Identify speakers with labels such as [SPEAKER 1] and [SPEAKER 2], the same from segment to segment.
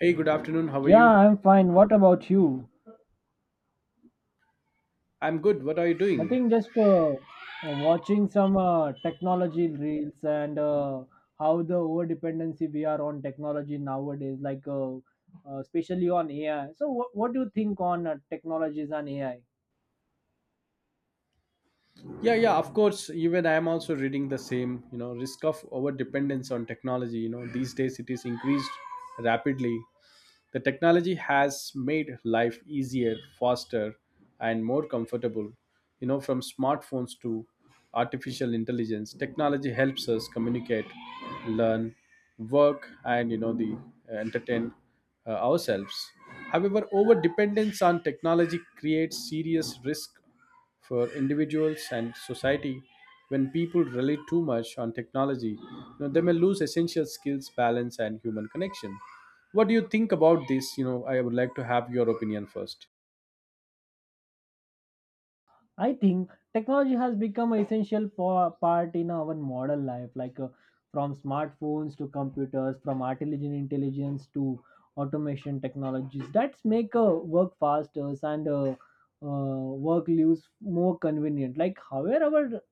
[SPEAKER 1] Hey, good afternoon. How are
[SPEAKER 2] Yeah,
[SPEAKER 1] you?
[SPEAKER 2] I'm fine. What about you?
[SPEAKER 1] I'm good. What are you doing?
[SPEAKER 2] Nothing, just watching some technology reels and how the over dependency we are on technology nowadays, like especially on AI. So, what do you think on technologies and AI?
[SPEAKER 1] Yeah, yeah, of course. Even I'm also reading the same, you know, risk of over dependence on technology. You know, these days it is increased rapidly. The technology has made life easier, faster, and more comfortable. You know, from smartphones to artificial intelligence, technology helps us communicate, learn, work, and you know, the entertain ourselves. However, over dependence on technology creates serious risk for individuals and society. When people rely too much on technology, you know, they may lose essential skills, balance, and human connection. What do you think about this? You know, I would like to have your opinion first.
[SPEAKER 2] I think technology has become an essential for, part in our modern life, like from smartphones to computers, from artificial intelligence to automation technologies. That's make work faster and work lives more convenient. Like, however, our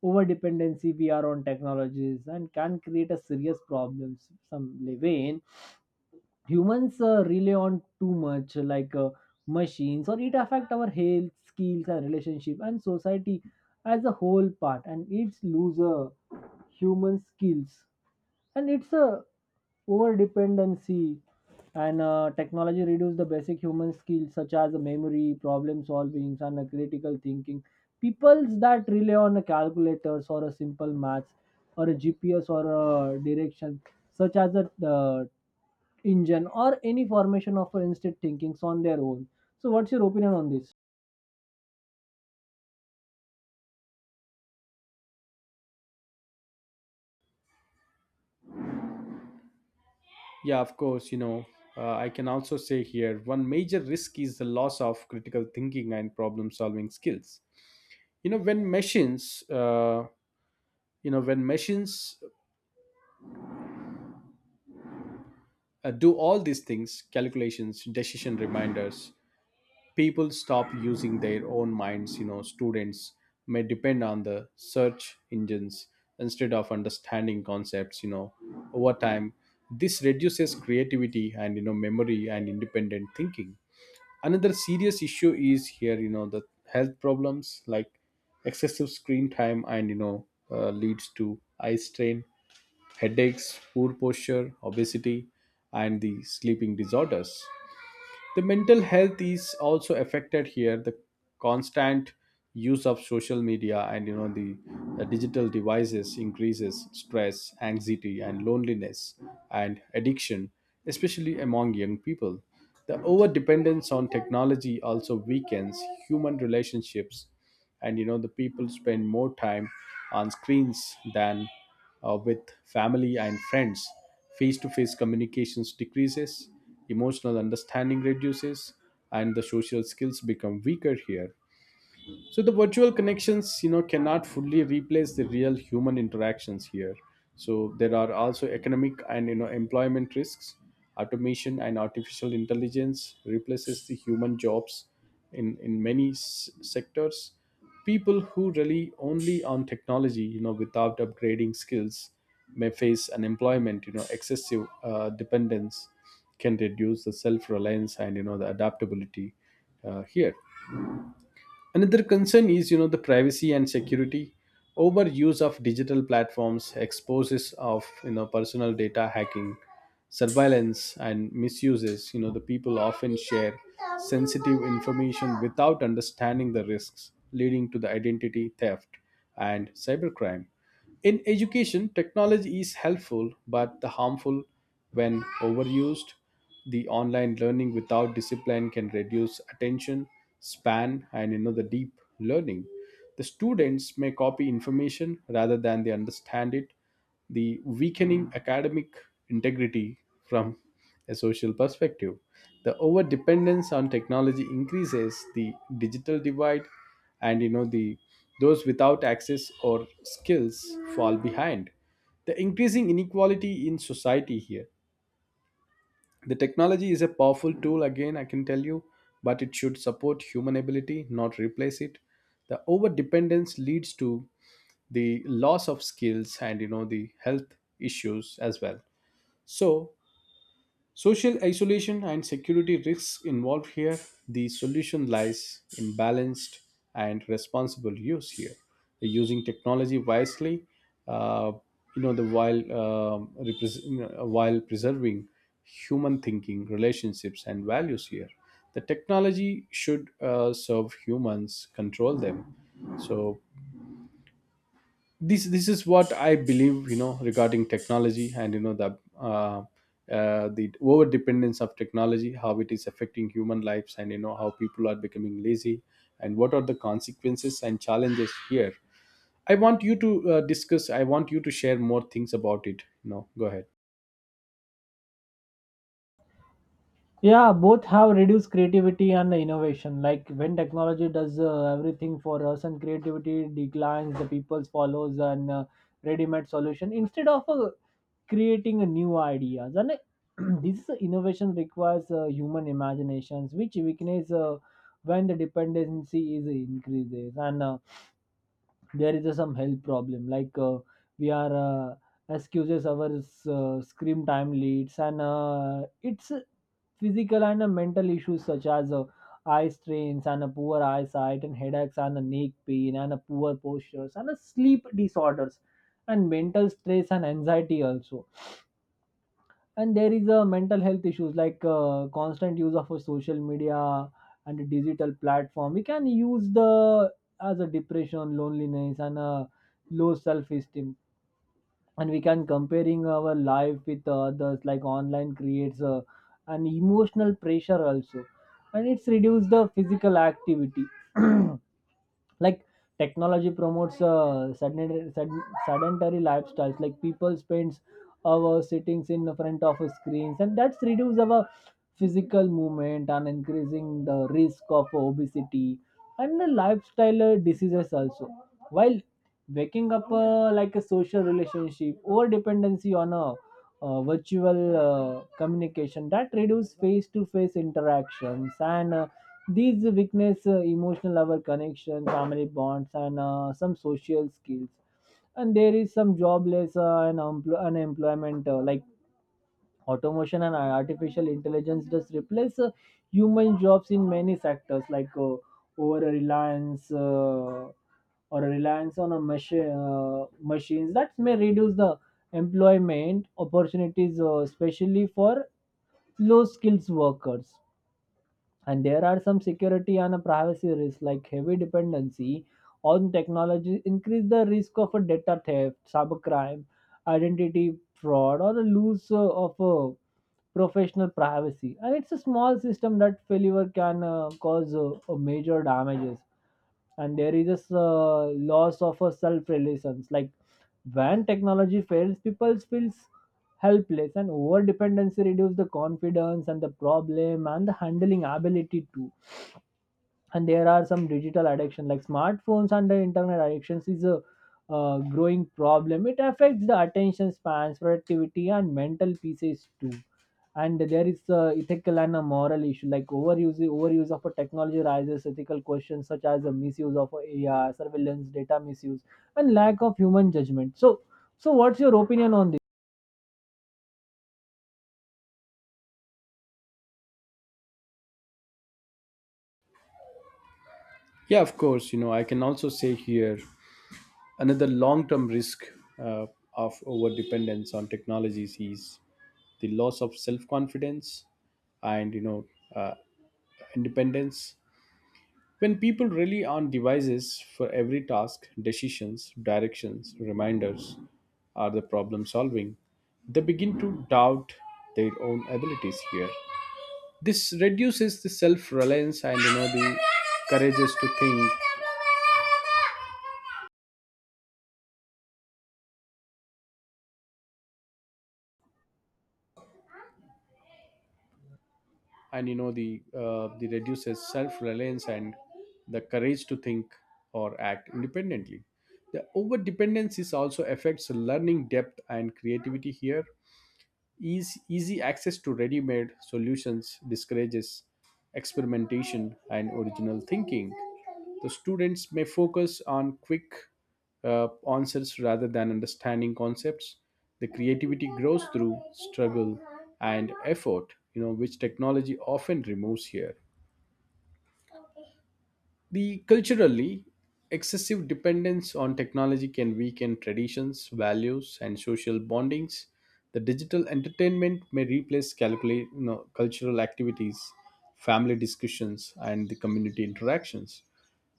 [SPEAKER 2] over dependency we are on technologies and can create a serious problems some way humans rely on too much like machines or it affect our health skills and relationship and society as a whole part and it's lose human skills and it's a over dependency and technology reduces the basic human skills such as memory, problem solving, and critical thinking. Peoples that rely on a calculators or a simple maths or a GPS or a direction, such as a engine or any formation of instant thinkings on their own. So, what's your opinion on this?
[SPEAKER 1] Yeah, of course. I can also say here, one major risk is the loss of critical thinking and problem solving skills. you know when machines uh, you know, when machines do all these things, calculations, decision, reminders, people stop using their own minds. You know, students may depend on the search engines instead of understanding concepts. You know, over time, this reduces creativity and, you know, memory and independent thinking. Another serious issue is here, you know, the health problems, like excessive screen time, and leads to eye strain, headaches, poor posture, obesity, and the sleeping disorders. The mental health is also affected here. The constant use of social media and, you know, the digital devices increases stress, anxiety, and loneliness, and addiction, especially among young people. The over dependence on technology also weakens human relationships, and, you know, the people spend more time on screens than with family and friends. Face to face communications decreases, emotional understanding reduces, and the social skills become weaker here. So the virtual connections, you know, cannot fully replace the real human interactions here. So there are also economic and, you know, employment risks. Automation and artificial intelligence replaces the human jobs in many sectors. People who rely only on technology, you know, without upgrading skills, may face unemployment. You know, excessive dependence can reduce the self reliance and, you know, the adaptability here. Another concern is, you know, the privacy and security. Overuse of digital platforms exposes of, you know, personal data, hacking, surveillance, and misuses. You know, the people often share sensitive information without understanding the risks, leading to the identity theft and cybercrime. In education, technology is helpful but the harmful when overused. The online learning without discipline can reduce attention span and, you know, the deep learning. The students may copy information rather than they understand it, the weakening academic integrity from a social perspective. The over dependence on technology increases the digital divide, and, you know, the those without access or skills fall behind. The increasing inequality in society here. The technology is a powerful tool, again, I can tell you, but it should support human ability, not replace it. The over dependence leads to the loss of skills and, you know, the health issues as well, so social isolation and security risks involved here. The solution lies in balanced and responsible use here, using technology wisely. uh, you know, the while preserving human thinking, relationships, and values here. The technology should serve humans, control them. So this is what I believe, you know, regarding technology and the over dependence of technology, how it is affecting human lives, and, you know, how people are becoming lazy, and what are the consequences and challenges here. I want you to discuss. I want you to share more things about it, you know. Go ahead.
[SPEAKER 2] Yeah, both have reduced creativity and innovation. Like when technology does everything for us and creativity declines, the people follows and ready-made solution instead of a creating a new ideas and this innovation requires human imaginations which weakness when the dependency is increases and there is some health problem like we are excuses our screen time leads and it's physical and mental issues such as eye strains and a poor eyesight and headaches and a neck pain and a poor postures and a sleep disorders and mental stress and anxiety also and there is a mental health issues like constant use of a social media and a digital platform we can use the as a depression loneliness and a low self-esteem and we can comparing our life with others like online creates a, an emotional pressure also and it's reduce the physical activity like technology promotes sedentary lifestyles like people spends our sittings in front of screens and that's reduce our physical movement and increasing the risk of obesity and the lifestyle diseases also while waking up like a social relationship or dependency on a virtual communication that reduce face to face interactions and these weakness, emotional our connection, family bonds, and some social skills. And there is some jobless and unemployment, like automation and artificial intelligence, does replace human jobs in many sectors, like over reliance. Or a reliance on a machines that may reduce the employment opportunities especially for low skills workers and there are some security and a privacy risks like heavy dependency on technology increase the risk of a data theft cybercrime identity fraud or a loss of professional privacy and it's a small system that failure can cause a major damages and there is this loss of a self-reliance like when technology fails people feels helpless and over dependency reduce the confidence and the problem and the handling ability too and there are some digital addiction like smartphones and the internet addictions is a growing problem it affects the attention spans productivity and mental pieces too and there is a ethical and a moral issue like overuse of a technology raises ethical questions such as the misuse of AI, surveillance data misuse and lack of human judgment so so what's your opinion on this?
[SPEAKER 1] Yeah, of course. You know, I can also say here, another long term risk uh, of over dependence on technologies is the loss of self confidence and, you know, uh, independence. When people rely on devices for every task, decisions, directions, reminders, or the problem solving, they begin to doubt their own abilities here. This reduces the self-reliance and, you know, the courageous to think and the reduces self-reliance and the courage to think or act independently. The over dependence is also affects learning depth and creativity here. Easy access to ready made solutions discourages experimentation and original thinking. The students may focus on quick answers rather than understanding concepts. The creativity grows through struggle and effort, you know, which technology often removes here. The culturally excessive dependence on technology can weaken traditions, values, and social bondings. The digital entertainment may replace calculate, you know, cultural activities, family discussions, and the community interactions.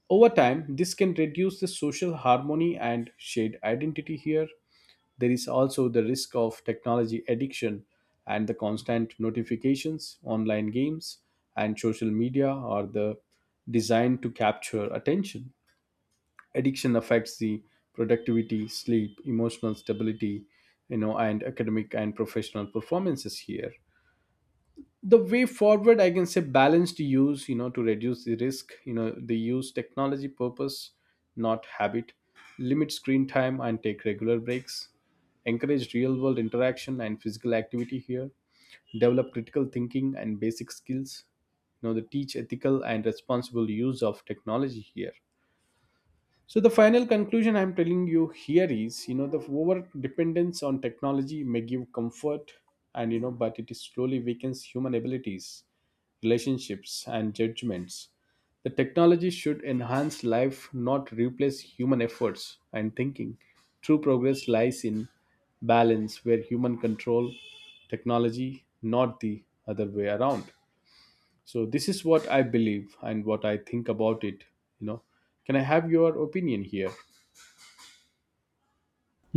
[SPEAKER 1] Over time, this can reduce the social harmony and shared identity here. There is also the risk of technology addiction, and the constant notifications, online games, and social media are the designed to capture attention. Addiction affects the productivity, sleep, emotional stability, you know, and academic and professional performances here. The way forward, I can say, balanced use, you know, to reduce the risk, you know, they use technology purpose, not habit. Limit screen time and take regular breaks. Encourage real world interaction and physical activity here. Develop critical thinking and basic skills. You know, they teach ethical and responsible use of technology here. So the final conclusion I'm telling you here is, you know, the over dependence on technology may give comfort, and, you know, but it is slowly weakens human abilities, relationships, and judgments. The technology should enhance life, not replace human efforts and thinking. True progress lies in balance where human control technology, not the other way around. So this is what I believe and what I think about it. You know, can I have your opinion here?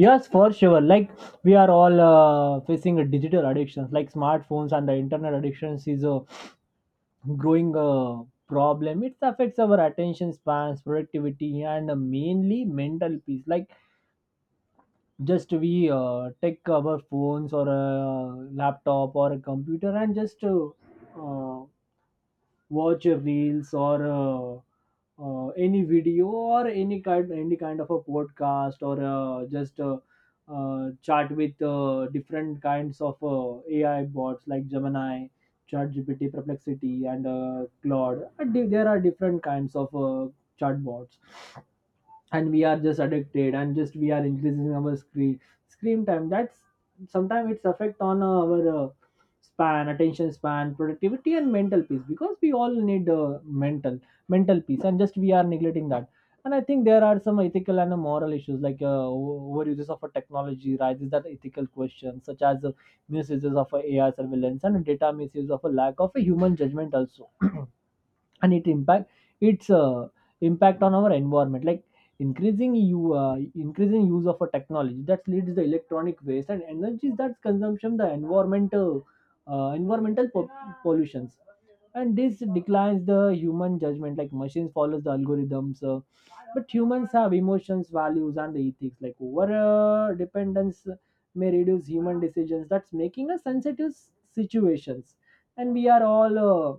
[SPEAKER 2] Yes, for sure. Like we are all facing a digital addiction like smartphones and the internet addictions is a growing problem it affects our attention spans productivity and mainly mental peace like just we take our phones or a laptop or a computer and just uh, watch reels or any video or any kind of a podcast or just chat with different kinds of AI bots like Gemini, ChatGPT, Perplexity, and Claude. And there are different kinds of chatbots and we are just addicted and just we are increasing our screen time that's sometimes it's affect on our span attention span productivity and mental peace because we all need mental mental peace and just we are neglecting that and I think there are some ethical and moral issues like overuses of a technology raises that ethical question such as misuses of ai surveillance and data misuse of a lack of a human judgment also and it impact its impact on our environment like increasing use of a technology that leads the electronic waste and energies that's consumption the environmental environmental pollutions and this declines the human judgment like machines follows the algorithms but humans have emotions values and the ethics like over dependence may reduce human decisions that's making a sensitive situations and we are all uh,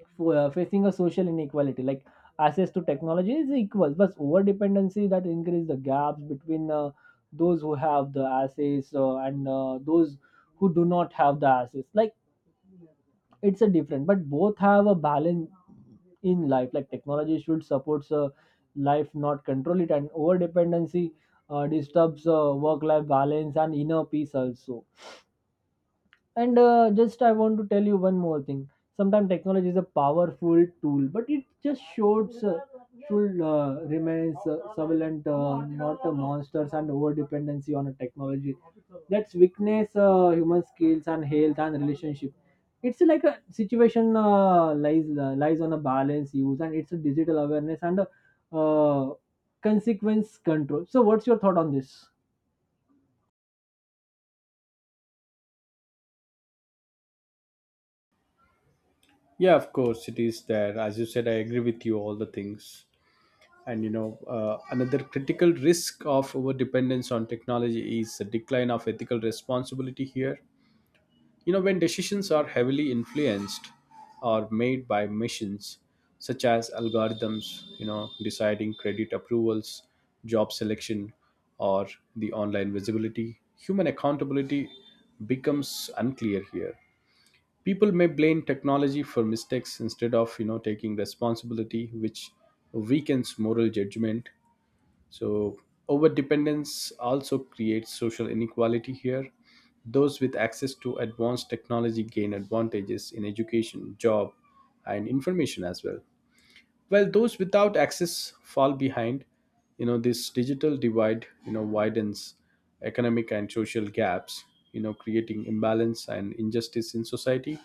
[SPEAKER 2] f- uh, facing a social inequality like access to technology is equal but over dependency that increase the gaps between those who have the access and those who do not have the access like it's a different but both have a balance in life like technology should supports life not control it and over dependency disturbs work life balance and inner peace also and just I want to tell you one more thing. Sometimes technology is a powerful tool, but it just shows should remains surveillance, not a monsters and over dependency on a technology. That's weakness, human skills and health and relationship. It's like a situation lies on a balance use, and it's a digital awareness and a, uh, consequence control. So, what's your thought on this?
[SPEAKER 1] Yeah, of course, it is there. As you said, I agree with you all the things. And you know Another critical risk of over dependence on technology is the decline of ethical responsibility here. You know, when decisions are heavily influenced or made by machines, such as algorithms, you know, deciding credit approvals, job selection, or the online visibility, human accountability becomes unclear here. People may blame technology for mistakes instead of, you know, taking responsibility, which weakens moral judgment. So, overdependence also creates social inequality here. Those with access to advanced technology gain advantages in education, job, and information as well. While those without access fall behind, you know, this digital divide, you know, widens economic and social gaps, you know, creating imbalance and injustice in society.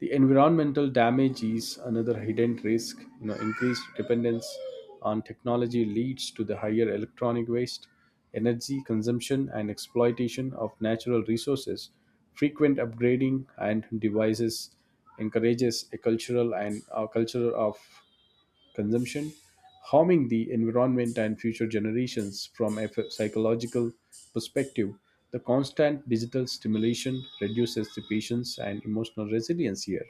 [SPEAKER 1] The environmental damage is another hidden risk. You know, increased dependence on technology leads to the higher electronic waste, energy consumption, and exploitation of natural resources. Frequent upgrading and devices encourages a cultural and a culture of consumption, harming the environment and future generations, from a psychological perspective. The constant digital stimulation reduces the patience and emotional resilience here.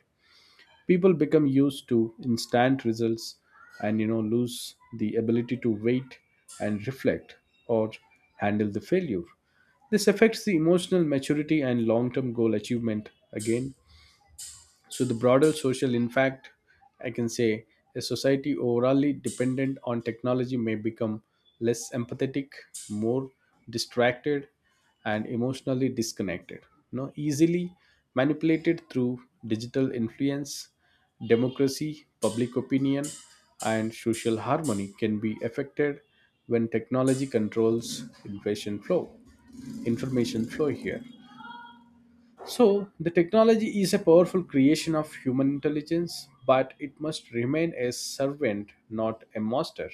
[SPEAKER 1] People become used to instant results and, you know, lose the ability to wait and reflect or handle the failure. This affects the emotional maturity and long term goal achievement again. So the broader social, in fact, I can say, a society overly dependent on technology may become less empathetic, more distracted, and emotionally disconnected. You know, easily manipulated through digital influence, democracy, public opinion, and social harmony can be affected when technology controls information flow. Information flow here. So, the technology is a powerful creation of human intelligence, but it must remain a servant, not a master.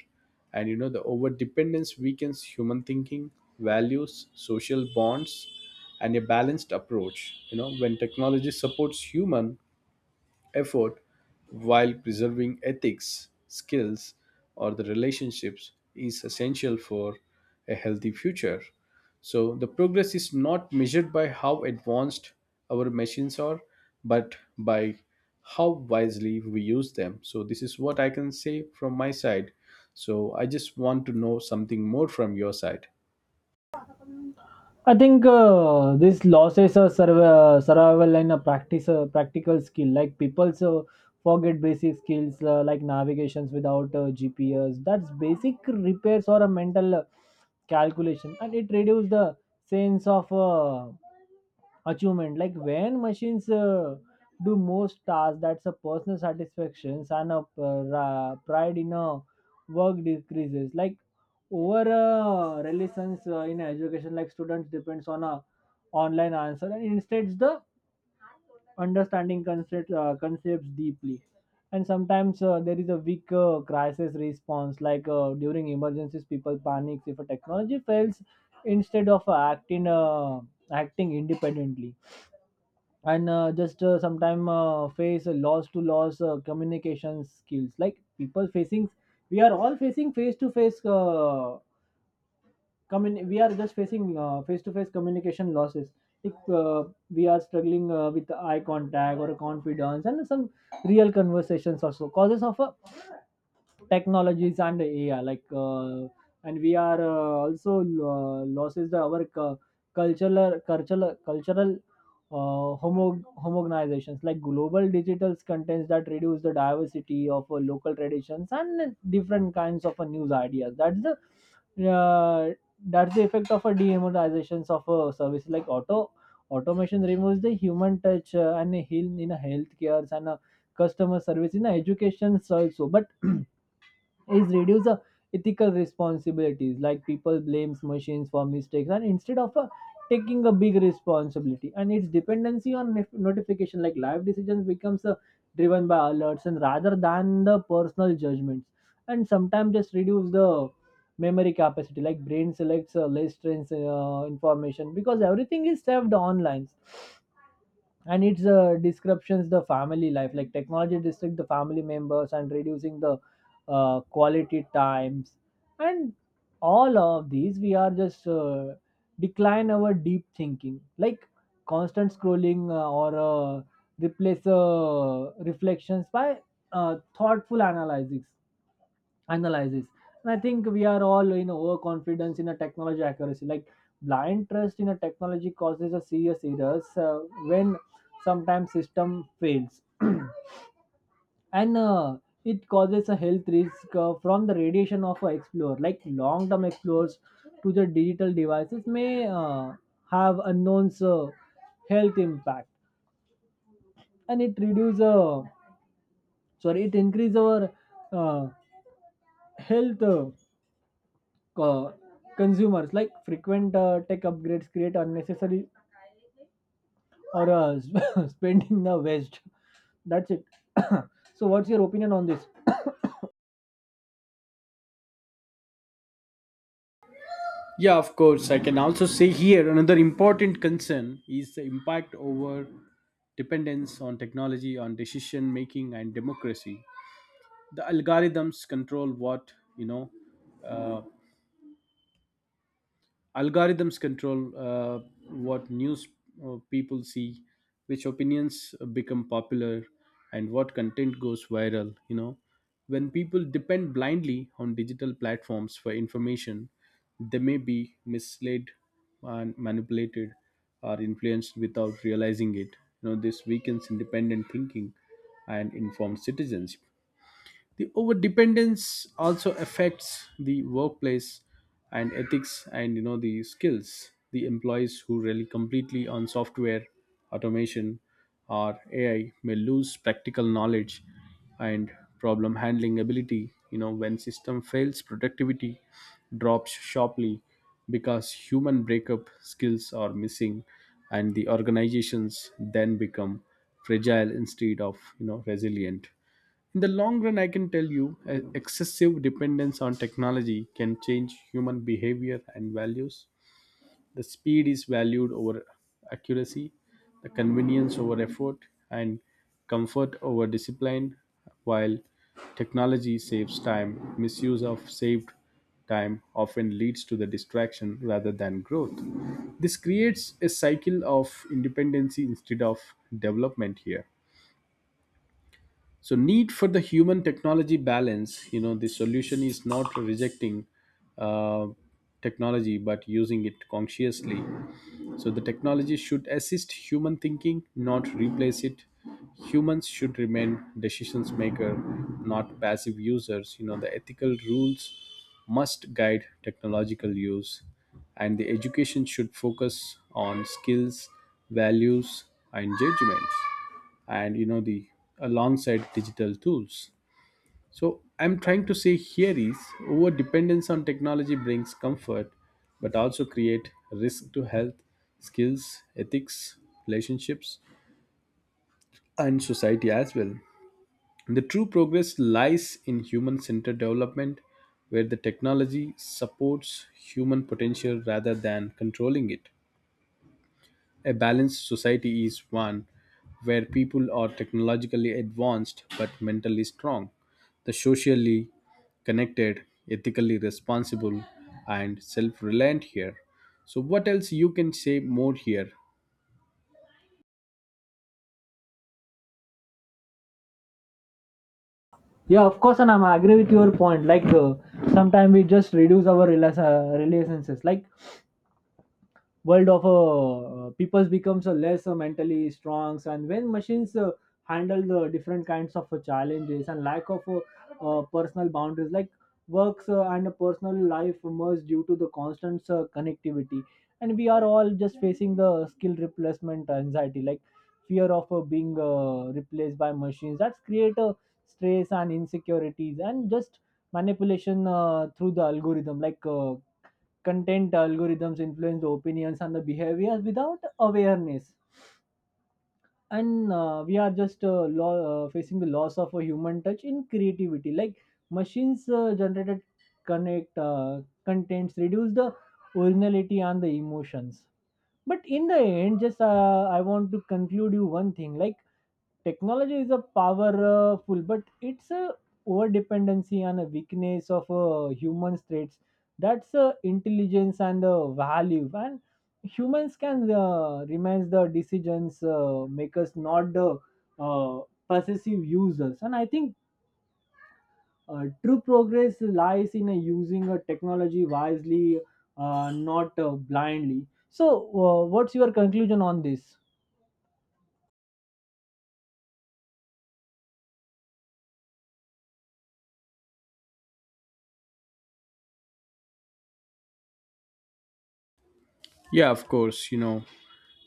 [SPEAKER 1] And, you know, the over dependence weakens human thinking, values, social bonds, and a balanced approach. You know, when technology supports human effort while preserving ethics, skills, or the relationships is essential for a healthy future. So, the progress is not measured by how advanced our machines are, but by how wisely we use them. So, this is what I can say from my side. So, I just want to know something more from your side.
[SPEAKER 2] I think this losses a survival and a practice practical skill. Like people so forget basic skills like navigations without GPS. That's basic repairs or a mental calculation, and it reduces the sense of achievement like when machines do most tasks that's a personal satisfaction and a pride in a work decreases like over relations in education like students depends on a online answer and instead the understanding concepts deeply and sometimes there is a weak crisis response like during emergencies people panics if a technology fails instead of acting independently and just sometime face loss communication skills like people facing we are all facing face to face we are just facing face to face communication losses if we are struggling with eye contact or confidence and some real conversations also causes of a technologies and AI. Like, and we are also losses the our cultural homogenizations like global digital contents that reduce the diversity of local traditions and different kinds of news ideas. That's the effect of a demonetizations of a service like automation removes the human touch and heal in a healthcare and a customer service in a education also but is reduce the ethical responsibilities like people blames machines for mistakes and instead of taking a big responsibility and its dependency on notification like life decisions becomes driven by alerts and rather than the personal judgments and sometimes just reduce the memory capacity like brain selects less trains information because everything is saved online and it's descriptions the family life like technology district the family members and reducing the quality times and all of these we are just decline our deep thinking like constant scrolling or replace reflections by thoughtful analysis and I think we are all in overconfidence in a technology accuracy like blind trust in a technology causes a serious errors when sometimes system fails and it causes a health risk from the radiation of a explorer like long term explorers to the digital devices may have unknown health impact and it reduce sorry it increase our uh, health uh, consumers like frequent tech upgrades create unnecessary or spending the waste. That's it. So what's your opinion on this?
[SPEAKER 1] Yeah, of course. I can also say here, another important concern is the impact over dependence on technology, on decision making, and democracy. The algorithms control what you know, uh, Algorithms control what news people see, which opinions become popular, and what content goes viral. You know, when people depend blindly on digital platforms for information, they may be misled and manipulated or influenced without realizing it. You know, this weakens independent thinking and informed citizens. The overdependence also affects the workplace and ethics and, you know, the skills. The employees who rely completely on software, automation, or AI may lose practical knowledge and problem handling ability. You know, when system fails, productivity drops sharply because human breakup skills are missing, and the organizations then become fragile instead of, you know, resilient. In the long run, I can tell you, excessive dependence on technology can change human behavior and values. The speed is valued over accuracy, the convenience over effort, and comfort over discipline, while technology saves time. Misuse of saved time often leads to the distraction rather than growth. This creates a cycle of independency instead of development here, so need for the human technology balance. You know, the solution is not rejecting uh, technology but using it consciously. So the technology should assist human thinking, not replace it. Humans should remain decisions maker, not passive users. You know, the ethical rules must guide technological use, and the education should focus on skills, values, and judgments. And you know, the alongside digital tools. So I'm trying to say here is over dependence on technology brings comfort but also create risk to health, skills, ethics, relationships, and society as well. The true progress lies in human centered development, where the technology supports human potential rather than controlling it. A balanced society is one where people are technologically advanced but mentally strong, the socially connected, ethically responsible, and self-reliant here. So what else you can say more here?
[SPEAKER 2] Yeah, of course, and I'm agree with your point. Like sometimes we just reduce our reliances like world of people becomes a less mentally strong and when machines handle the different kinds of challenges and lack of personal boundaries like works and personal life merge due to the constant connectivity and we are all just facing the skill replacement anxiety like fear of being replaced by machines that's create a stress and insecurities and just manipulation through the algorithm like content algorithms influence the opinions and the behaviors without awareness and we are just facing the loss of a human touch in creativity like machines generated connect contents reduce the originality and the emotions but in the end just I want to conclude you one thing. Like technology is a powerful but it's a over dependency and a weakness of human traits that's intelligence and value and humans can remains the decisions makers not the uh, possessive users and I think true progress lies in using a technology wisely not blindly. So what's your conclusion on this?
[SPEAKER 1] Yeah, of course. You know,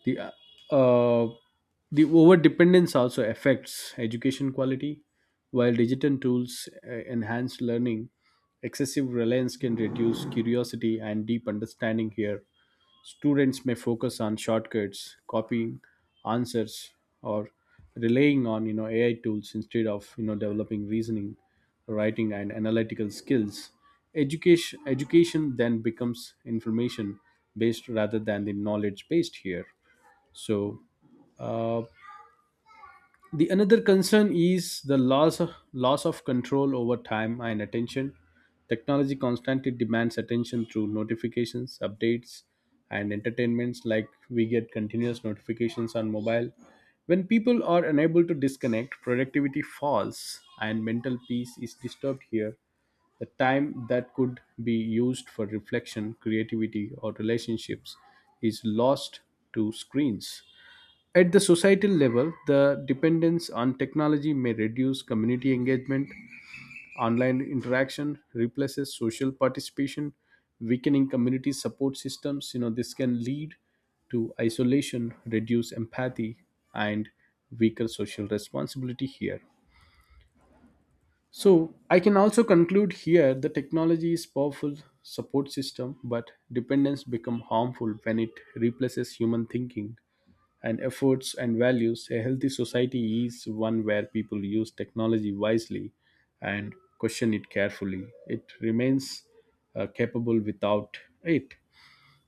[SPEAKER 1] the uh, uh, the over dependence also affects education quality. While digital tools enhance learning, excessive reliance can reduce curiosity and deep understanding here. Students may focus on shortcuts, copying answers, or relying on, you know, AI tools instead of, you know, developing reasoning, writing, and analytical skills. Education then becomes information based rather than the knowledge based here. So, uh, the another concern is the loss of control over time and attention. Technology constantly demands attention through notifications, updates, and entertainments. Like we get continuous notifications on mobile. When people are unable to disconnect, productivity falls and mental peace is disturbed here. The time that could be used for reflection, creativity, or relationships is lost to screens. At the societal level, the dependence on technology may reduce community engagement. Online interaction replaces social participation, weakening community support systems. You know, this can lead to isolation, reduce empathy, and weaker social responsibility here. So, I can also conclude here the technology is powerful support system, but dependence become harmful when it replaces human thinking and efforts and values. A healthy society is one where people use technology wisely and question it carefully. It remains capable without it.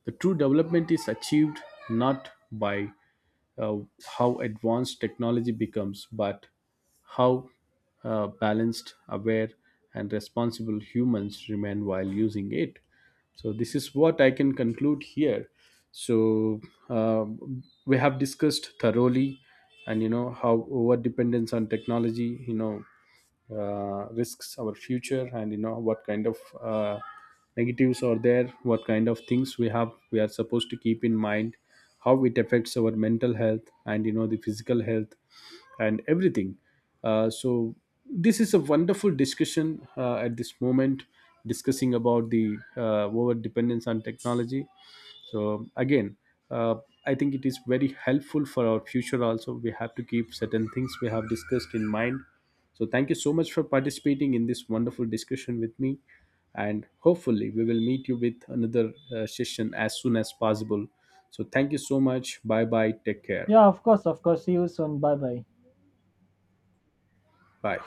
[SPEAKER 1] The true development is achieved not by uh, how advanced technology becomes, but how balanced, aware, and responsible humans remain while using it. So, this is what I can conclude here. So, uh, we have discussed thoroughly, and you know how over dependence on technology, you know, risks our future, and you know what kind of negatives are there, what kind of things we are supposed to keep in mind, how it affects our mental health and you know the physical health and everything. So this is a wonderful discussion at this moment, discussing about the over dependence on technology. So again, uh, I think it is very helpful for our future. Also we have to keep certain things we have discussed in mind. So thank you so much for participating in this wonderful discussion with me, and hopefully we will meet you with another session as soon as possible. So thank you so much. Bye bye, take care.
[SPEAKER 2] Yeah, of course. Of course, see you soon. Bye bye.
[SPEAKER 1] Bye.